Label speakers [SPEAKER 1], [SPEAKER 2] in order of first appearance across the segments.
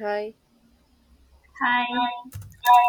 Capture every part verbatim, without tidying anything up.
[SPEAKER 1] Hi,
[SPEAKER 2] Hi.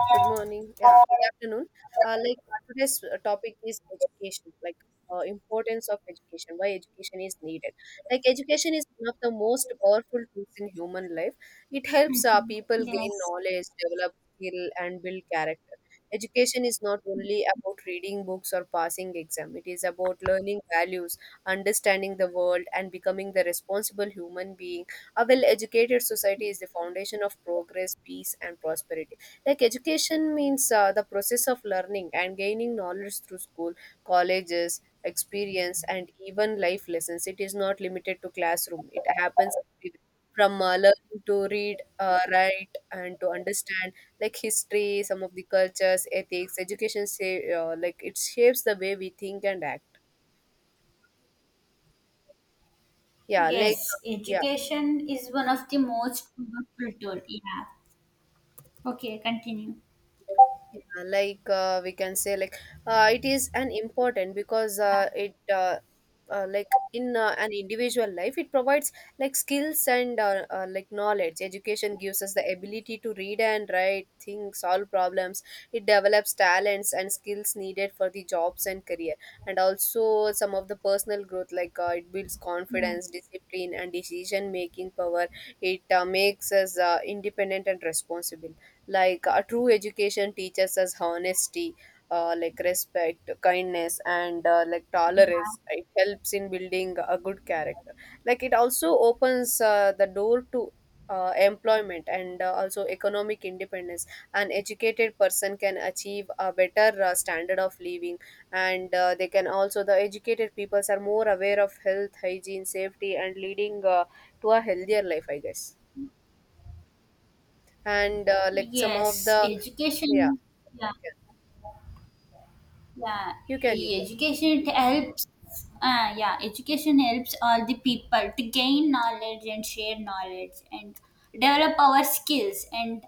[SPEAKER 1] good morning. Yeah, good afternoon. Uh, like uh, today's uh, topic is education, like uh, importance of education, why education is needed. Like education is one of the most powerful tools in human life. It helps uh,
[SPEAKER 2] Mhm.
[SPEAKER 1] people gain
[SPEAKER 2] Yes.
[SPEAKER 1] knowledge, develop skill, and build character. Education is not only about reading books or passing exam. It is about learning values, understanding the world, and becoming the responsible human being. A well-educated society is the foundation of progress, peace, and prosperity. Like education means uh, the process of learning and gaining knowledge through school, colleges, experience and even life lessons. It is not limited to classroom, it happens everywhere, from uh, learning to read, uh, write and to understand like history, some of the cultures, ethics. Education, say uh, like it shapes the way we think and act. yeah like uh,
[SPEAKER 2] Yes.
[SPEAKER 1] yeah
[SPEAKER 2] Education is one of the most powerful tool. Yeah. Okay. Continue.
[SPEAKER 1] Yeah, like uh, we can say like uh, it is an important, because uh, it uh, uh, like in uh, an individual life, it provides like skills and uh, uh, like knowledge. Education gives us the ability to read and write, think, solve problems. It develops talents and skills needed for the jobs and career, and also some of the personal growth. like uh, it builds
[SPEAKER 2] Yeah.
[SPEAKER 1] confidence, discipline and decision making power. It uh, makes us uh, independent and responsible. Like a true education teaches us honesty, uh, like respect, kindness and uh, like tolerance. It helps in building a good character. Like it also opens uh, the door to uh, employment and uh, also economic independence. An educated person can achieve a better uh, standard of living, and uh, they can also, the educated peoples are more aware of health, hygiene, safety and leading uh, to a healthier life, I guess. And uh, like some of
[SPEAKER 2] Yes.
[SPEAKER 1] the yeah,
[SPEAKER 2] Education. Yeah. yeah
[SPEAKER 1] you can, you
[SPEAKER 2] e-
[SPEAKER 1] can.
[SPEAKER 2] education it helps uh, yeah, education helps all the people to gain knowledge and share knowledge and develop our skills and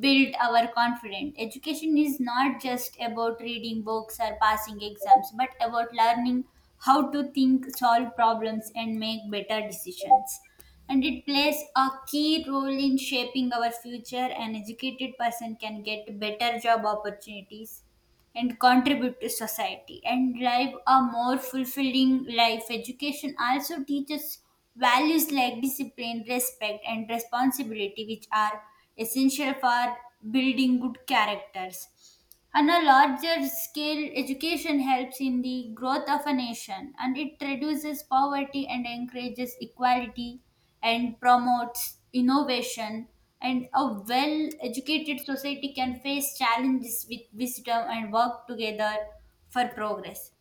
[SPEAKER 2] build our confidence. Education is not just about reading books or passing exams, but about learning how to think, solve problems, and make better decisions. And it plays a key role in shaping our future. An educated person can get better job opportunities and contribute to society and drive a more fulfilling life. Education also teaches values like discipline, respect, and responsibility, which are essential for building good characters. On a larger scale, education helps in the growth of a nation, and it reduces poverty and encourages equality and promotes innovation. And a well educated society can face challenges with wisdom and work together for progress.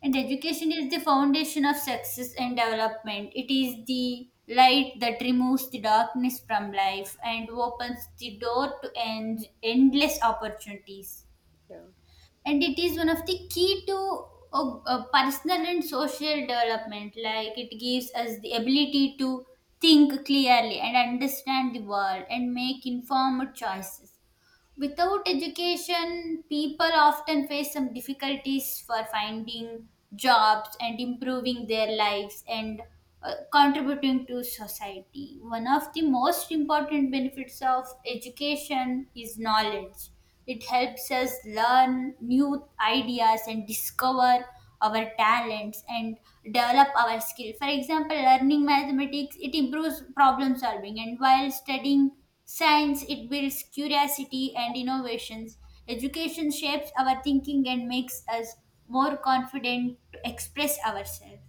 [SPEAKER 2] And education is the foundation of success and development. It is the light that removes the darkness from life and opens the door to end- endless opportunities,
[SPEAKER 1] Yeah,
[SPEAKER 2] and it is one of the key to uh, uh, personal and social development. Like it gives us the ability to think clearly and understand the world and make informed choices. Without education, people often face some difficulties for finding jobs and improving their lives and uh, contributing to society. One of the most important benefits of education is knowledge. It helps us learn new ideas and discover our talents and develop our skill. For example, learning mathematics, it improves problem solving, and while studying science, it builds curiosity and innovations. Education shapes our thinking and makes us more confident to express ourselves.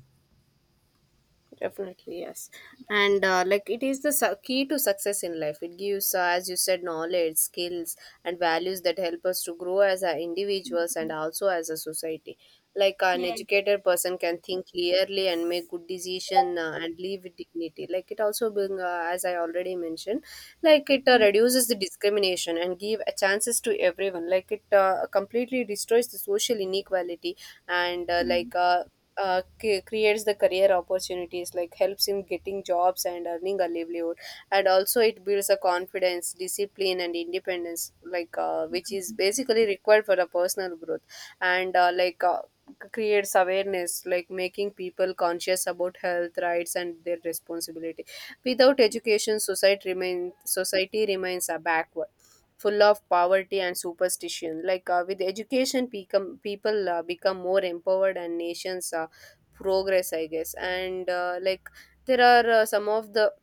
[SPEAKER 1] definitely, yes. And uh, like it is the su- key to success in life. It gives, uh, as you said, knowledge, skills, and values that help us to grow as a individuals and also as a society. Like an
[SPEAKER 2] Yes.
[SPEAKER 1] educated person can think clearly and make good decision, uh, and live with dignity. Like it also being, uh, as I already mentioned, like it uh,
[SPEAKER 2] Hmm.
[SPEAKER 1] reduces the discrimination and give a chances to everyone. Like it uh, completely destroys the social inequality and uh,
[SPEAKER 2] Hmm.
[SPEAKER 1] like. Uh, uh, c- creates the career opportunities, like helps him getting jobs and earning a livelihood, and also it builds a confidence, discipline and independence, like uh, which is basically required for a personal growth and uh, like uh, c- creates awareness, like making people conscious about health, rights and their responsibility. Without education, society remains society remains a backward, full of poverty and superstition. Like uh, with education, become, people uh, become more empowered and nations uh, progress, I guess. And uh, like there are uh, some of the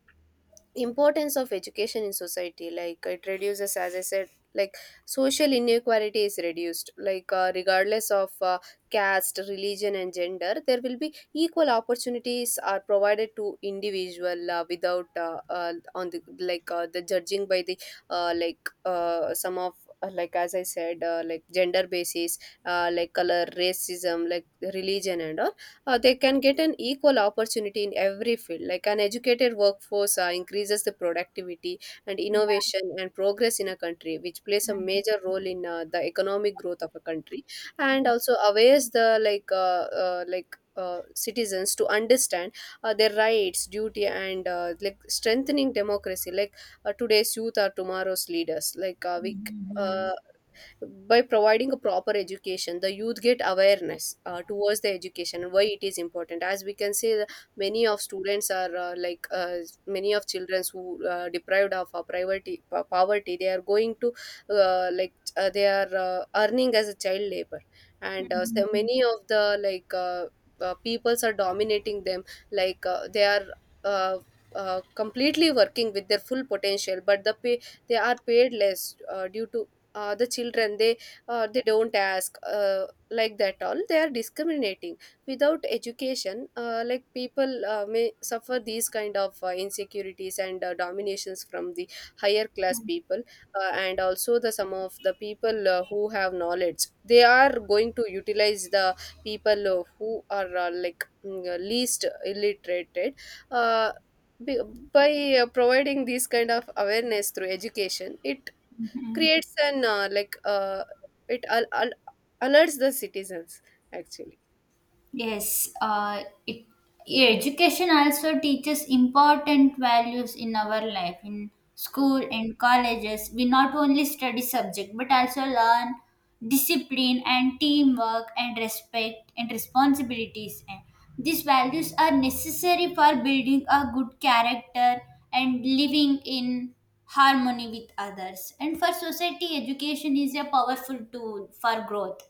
[SPEAKER 1] importance of education in society. Like it reduces, as I said, like social inequality is reduced, like uh, regardless of uh, caste, religion and gender, there will be equal opportunities are provided to individual, uh, without uh, uh, on the like uh, the judging by the uh, like uh, some of uh, like as I said uh, like gender basis, uh, like color, racism, like religion and all, uh, they can get an equal opportunity in every field. Like an educated workforce uh, increases the productivity and innovation and progress in a country, which plays a
[SPEAKER 2] Hmm.
[SPEAKER 1] major role in uh, the economic growth of a country, and
[SPEAKER 2] Hmm.
[SPEAKER 1] also awares the like uh, uh, like. Uh, citizens to understand uh, their rights, duty and uh, like strengthening democracy. like uh, today's youth are tomorrow's leaders. like uh,
[SPEAKER 2] Hmm.
[SPEAKER 1] we c-
[SPEAKER 2] mm, mm, mm,
[SPEAKER 1] uh, by providing a proper education, the youth get awareness uh, towards the education and why it is important. As we can see, the- many of students are uh, like uh, many of children who uh, deprived of uh, poverty poverty they are going to uh, like uh, they are uh, earning as a child labor, and uh,
[SPEAKER 2] mm,
[SPEAKER 1] so
[SPEAKER 2] mm.
[SPEAKER 1] many of the like uh, uh, peoples are dominating them. like uh, they are uh, uh, completely working with their full potential, but the pay, they are paid less, uh, due to uh, the children, they uh, they don't ask, uh, like that all they are discriminating. Without education, uh, like people uh, may suffer these kind of uh, insecurities and uh, dominations from the higher class people, uh, and also the some of the people uh, who have knowledge, they are going to utilize the people uh, who are uh, like mm, uh, least illiterated. Uh, be- by uh, providing this kind of awareness through education, it creates an uh, like uh, it al- al- alerts the citizens, actually.
[SPEAKER 2] Yes, uh, it education also teaches important values in our life. In school
[SPEAKER 1] Yeah.
[SPEAKER 2] and colleges, we not only study subject but also learn discipline and teamwork and respect and responsibilities. And these values are necessary for building a good character and living in harmony with others. And for society, education is a powerful tool for growth.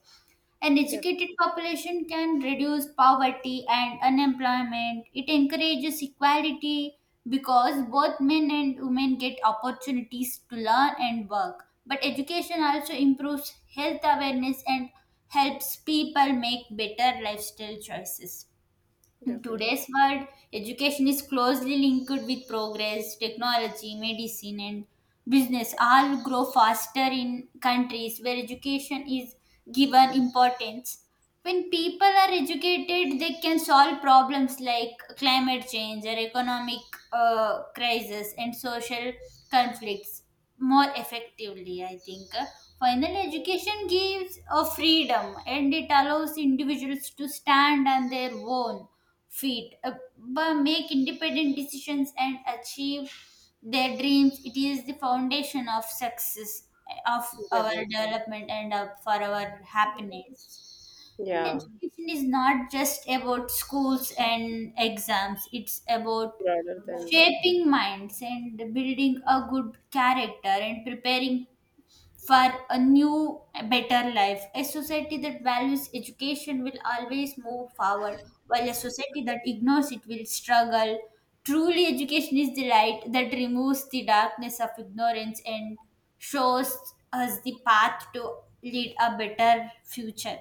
[SPEAKER 2] An
[SPEAKER 1] Def-
[SPEAKER 2] educated population can reduce poverty and unemployment. It encourages equality because both men and women get opportunities to learn and work. But education also improves health awareness and helps people make better lifestyle choices. In
[SPEAKER 1] definitely
[SPEAKER 2] today's world, education is closely linked with progress, technology, medicine, and business. All grow faster in countries where education is given importance. When people are educated, they can solve problems like climate change or economic uh, crisis and social conflicts more effectively, I think. Finally, education gives a freedom and it allows individuals to stand on their own feet uh, but make independent decisions and achieve their dreams. It is the foundation of success, of our
[SPEAKER 1] definitely
[SPEAKER 2] development, and of for our happiness. And
[SPEAKER 1] yeah,
[SPEAKER 2] education is not just about schools and exams, it's about
[SPEAKER 1] broader than.
[SPEAKER 2] shaping minds and building a good character and preparing for a new, better life. A society that values education will always move forward, while a society that ignores it will struggle. Truly, education is the light that removes the darkness of ignorance and shows us the path to lead a better future.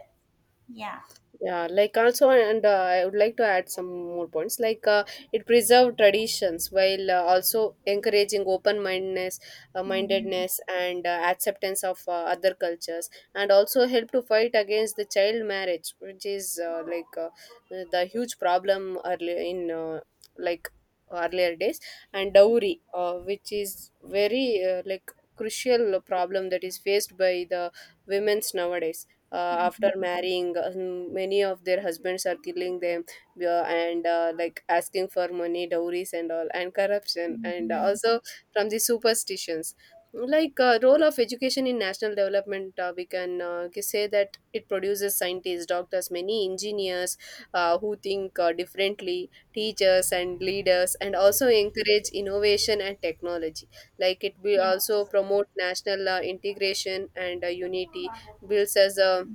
[SPEAKER 2] Yeah.
[SPEAKER 1] Yeah, like also, and uh, I would like to add some more points. Like uh, it preserved traditions while uh, also encouraging open mindedness, uh,
[SPEAKER 2] Mhm.
[SPEAKER 1] mindedness, and uh, acceptance of uh, other cultures, and also help to fight against the child marriage, which is uh, like uh, the huge problem earlier in uh, like earlier days, and dowry, uh, which is very uh, like crucial problem that is faced by the women's nowadays. uh, after
[SPEAKER 2] Mhm.
[SPEAKER 1] marrying uh, mm, many of their husbands are killing them, uh, and uh, like asking for money, dowries and all, and corruption, and
[SPEAKER 2] Mhm.
[SPEAKER 1] also from the superstitions. like uh, role of education in national development, uh, we can uh, ca- say that it produces scientists, doctors, many engineers uh, who think uh, differently, teachers and leaders, and also encourage innovation and technology. Like it will also
[SPEAKER 2] Yes.
[SPEAKER 1] promote national uh, integration and uh, unity, builds as a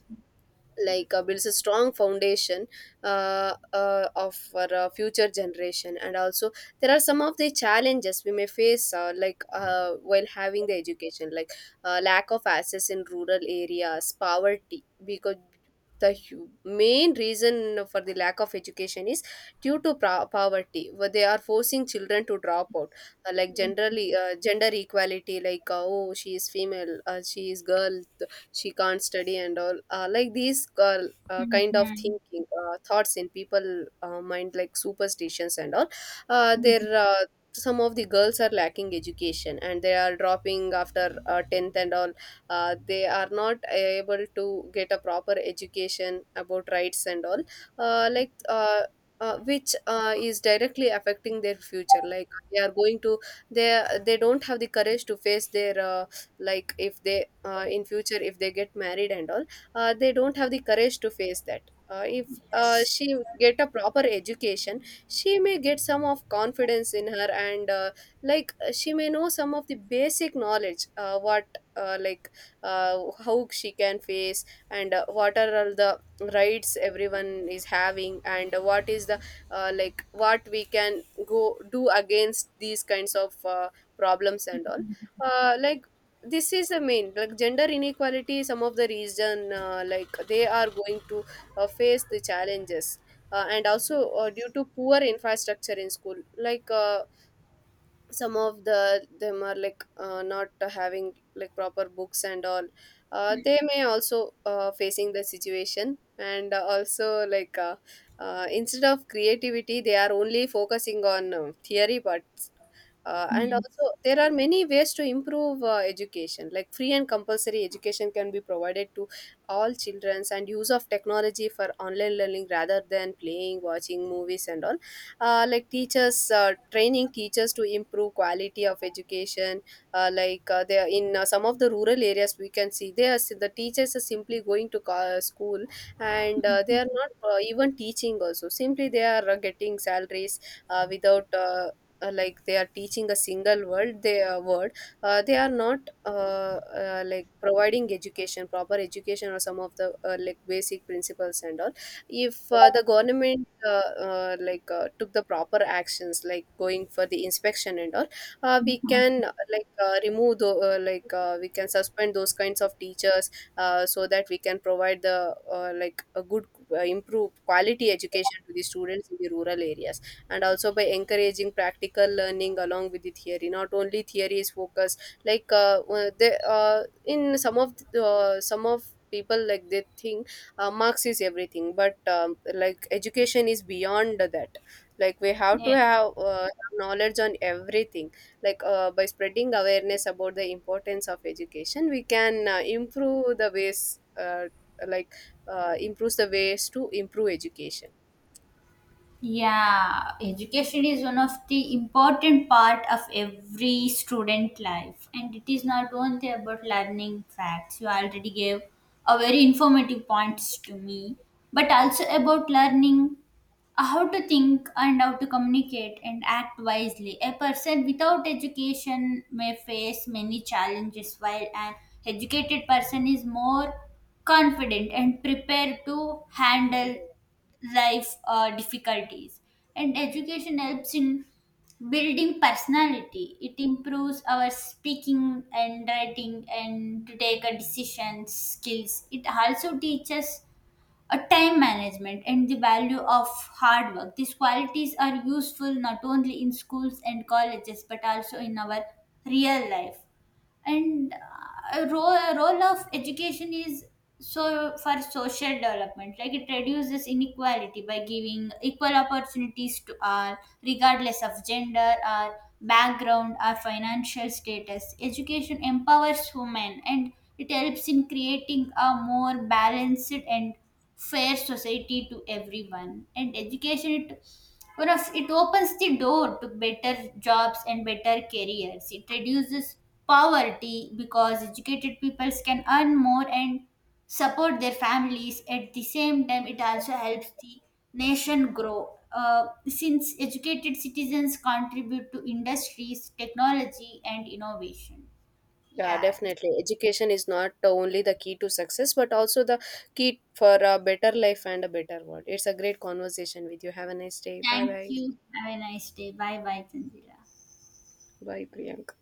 [SPEAKER 1] like uh, builds a strong foundation uh, uh, of for uh, future generation. And also there are some of the challenges we may face, uh, like uh, while having the education, like uh, lack of access in rural areas, poverty, because the hu- main reason for the lack of education is due to pro- poverty, where they are forcing children to drop out. uh, like
[SPEAKER 2] Yes.
[SPEAKER 1] generally uh, gender equality, like uh, oh, she is female, uh, she is girl, she can't study and all, uh, like these uh, uh, kind of
[SPEAKER 2] Mhm.
[SPEAKER 1] thinking, uh, thoughts in people uh, mind, like superstitions and all. Uh, they're uh, some of the girls are lacking education and they are dropping after uh, tenth and all. uh, they are not able to get a proper education about rights and all, uh, like uh, uh, which uh, is directly affecting their future. Like they are going to, they they don't have the courage to face their, uh, like if they uh, in future if they get married and all, uh, they don't have the courage to face that. uh, if uh,
[SPEAKER 2] Yes.
[SPEAKER 1] she get a proper education, she may get some of confidence in her, and uh, like uh, she may know some of the basic knowledge, uh, what uh, like uh, how she can face, and uh, what are all the rights everyone is having, and what is the uh, like what we can go do against these kinds of uh, problems and all. uh, like this is the main, like gender inequality, some of the reason, uh, like they are going to uh, face the challenges, uh, and also uh, due to poor infrastructure in school. like uh, some of the them are like uh, not having like proper books and all, uh, they may also uh, facing the situation, and uh, also like uh, uh, instead of creativity they are only focusing on um theory part. Uh, and also
[SPEAKER 2] Yes.
[SPEAKER 1] there are many ways to improve uh, education, like free and compulsory education can be provided to all children, and use of technology for online learning rather than playing, watching movies and all. uh, like teachers, uh, training teachers to improve quality of education. uh, like uh, they are in uh, some of the rural areas we can see, they are, the teachers are simply going to co- school and uh, they are not uh, even teaching also, simply they are uh, getting salaries, uh, without uh, uh, like they are teaching a single word, they uh, word uh, they are not uh, uh, like providing education, proper education, or some of the uh, like basic principles and all. If uh, the government uh, uh, like uh, took the proper actions, like going for the inspection and all, uh, we
[SPEAKER 2] Mhm.
[SPEAKER 1] can uh, like uh, remove the, uh, like uh, we can suspend those kinds of teachers, uh, so that we can provide the uh, like a good, uh, improve quality education to the students in the rural areas, and also by encouraging practical learning along with the theory, not only theory is focused. Like uh, uh, they, uh, in some of the, uh, some of people like they think uh, marks is everything, but um, like education is beyond that. Like we have to
[SPEAKER 2] Yes.
[SPEAKER 1] have uh, knowledge on everything. like uh, by spreading awareness about the importance of education, we can uh, improve the ways uh, like uh, improves the ways to improve education.
[SPEAKER 2] Yeah, education is one of the important part of every student life, and it is not only about learning facts. You already gave a very informative points to me, but also about learning uh, how to think and how to communicate and act wisely. A person without education may face many challenges, while an educated person is more confident and prepared to handle life uh, difficulties. And education helps in building personality. It improves our speaking and writing and to take a decision skills. It also teaches a time management and the value of hard work. These qualities are useful not only in schools and colleges, but also in our real life. And uh, a role, a role of education is so for social development. Like it reduces inequality by giving equal opportunities to all regardless of gender or background or financial status. Education empowers women and it helps in creating a more balanced and fair society to everyone. And education it or else it opens the door to better jobs and better careers. It reduces poverty because educated peoples can earn more and support their families. At the same time, it also helps the nation grow, uh, since educated citizens contribute to industries, technology, and innovation.
[SPEAKER 1] Yeah,
[SPEAKER 2] Yeah,
[SPEAKER 1] definitely. Education is not the only the key to success, but also the key for a better life and a better world. It's a great conversation with you. Have a nice day. Bye
[SPEAKER 2] thank
[SPEAKER 1] bye.
[SPEAKER 2] you, have a nice day, bye bye, Tanzila.
[SPEAKER 1] Bye, Priyanka.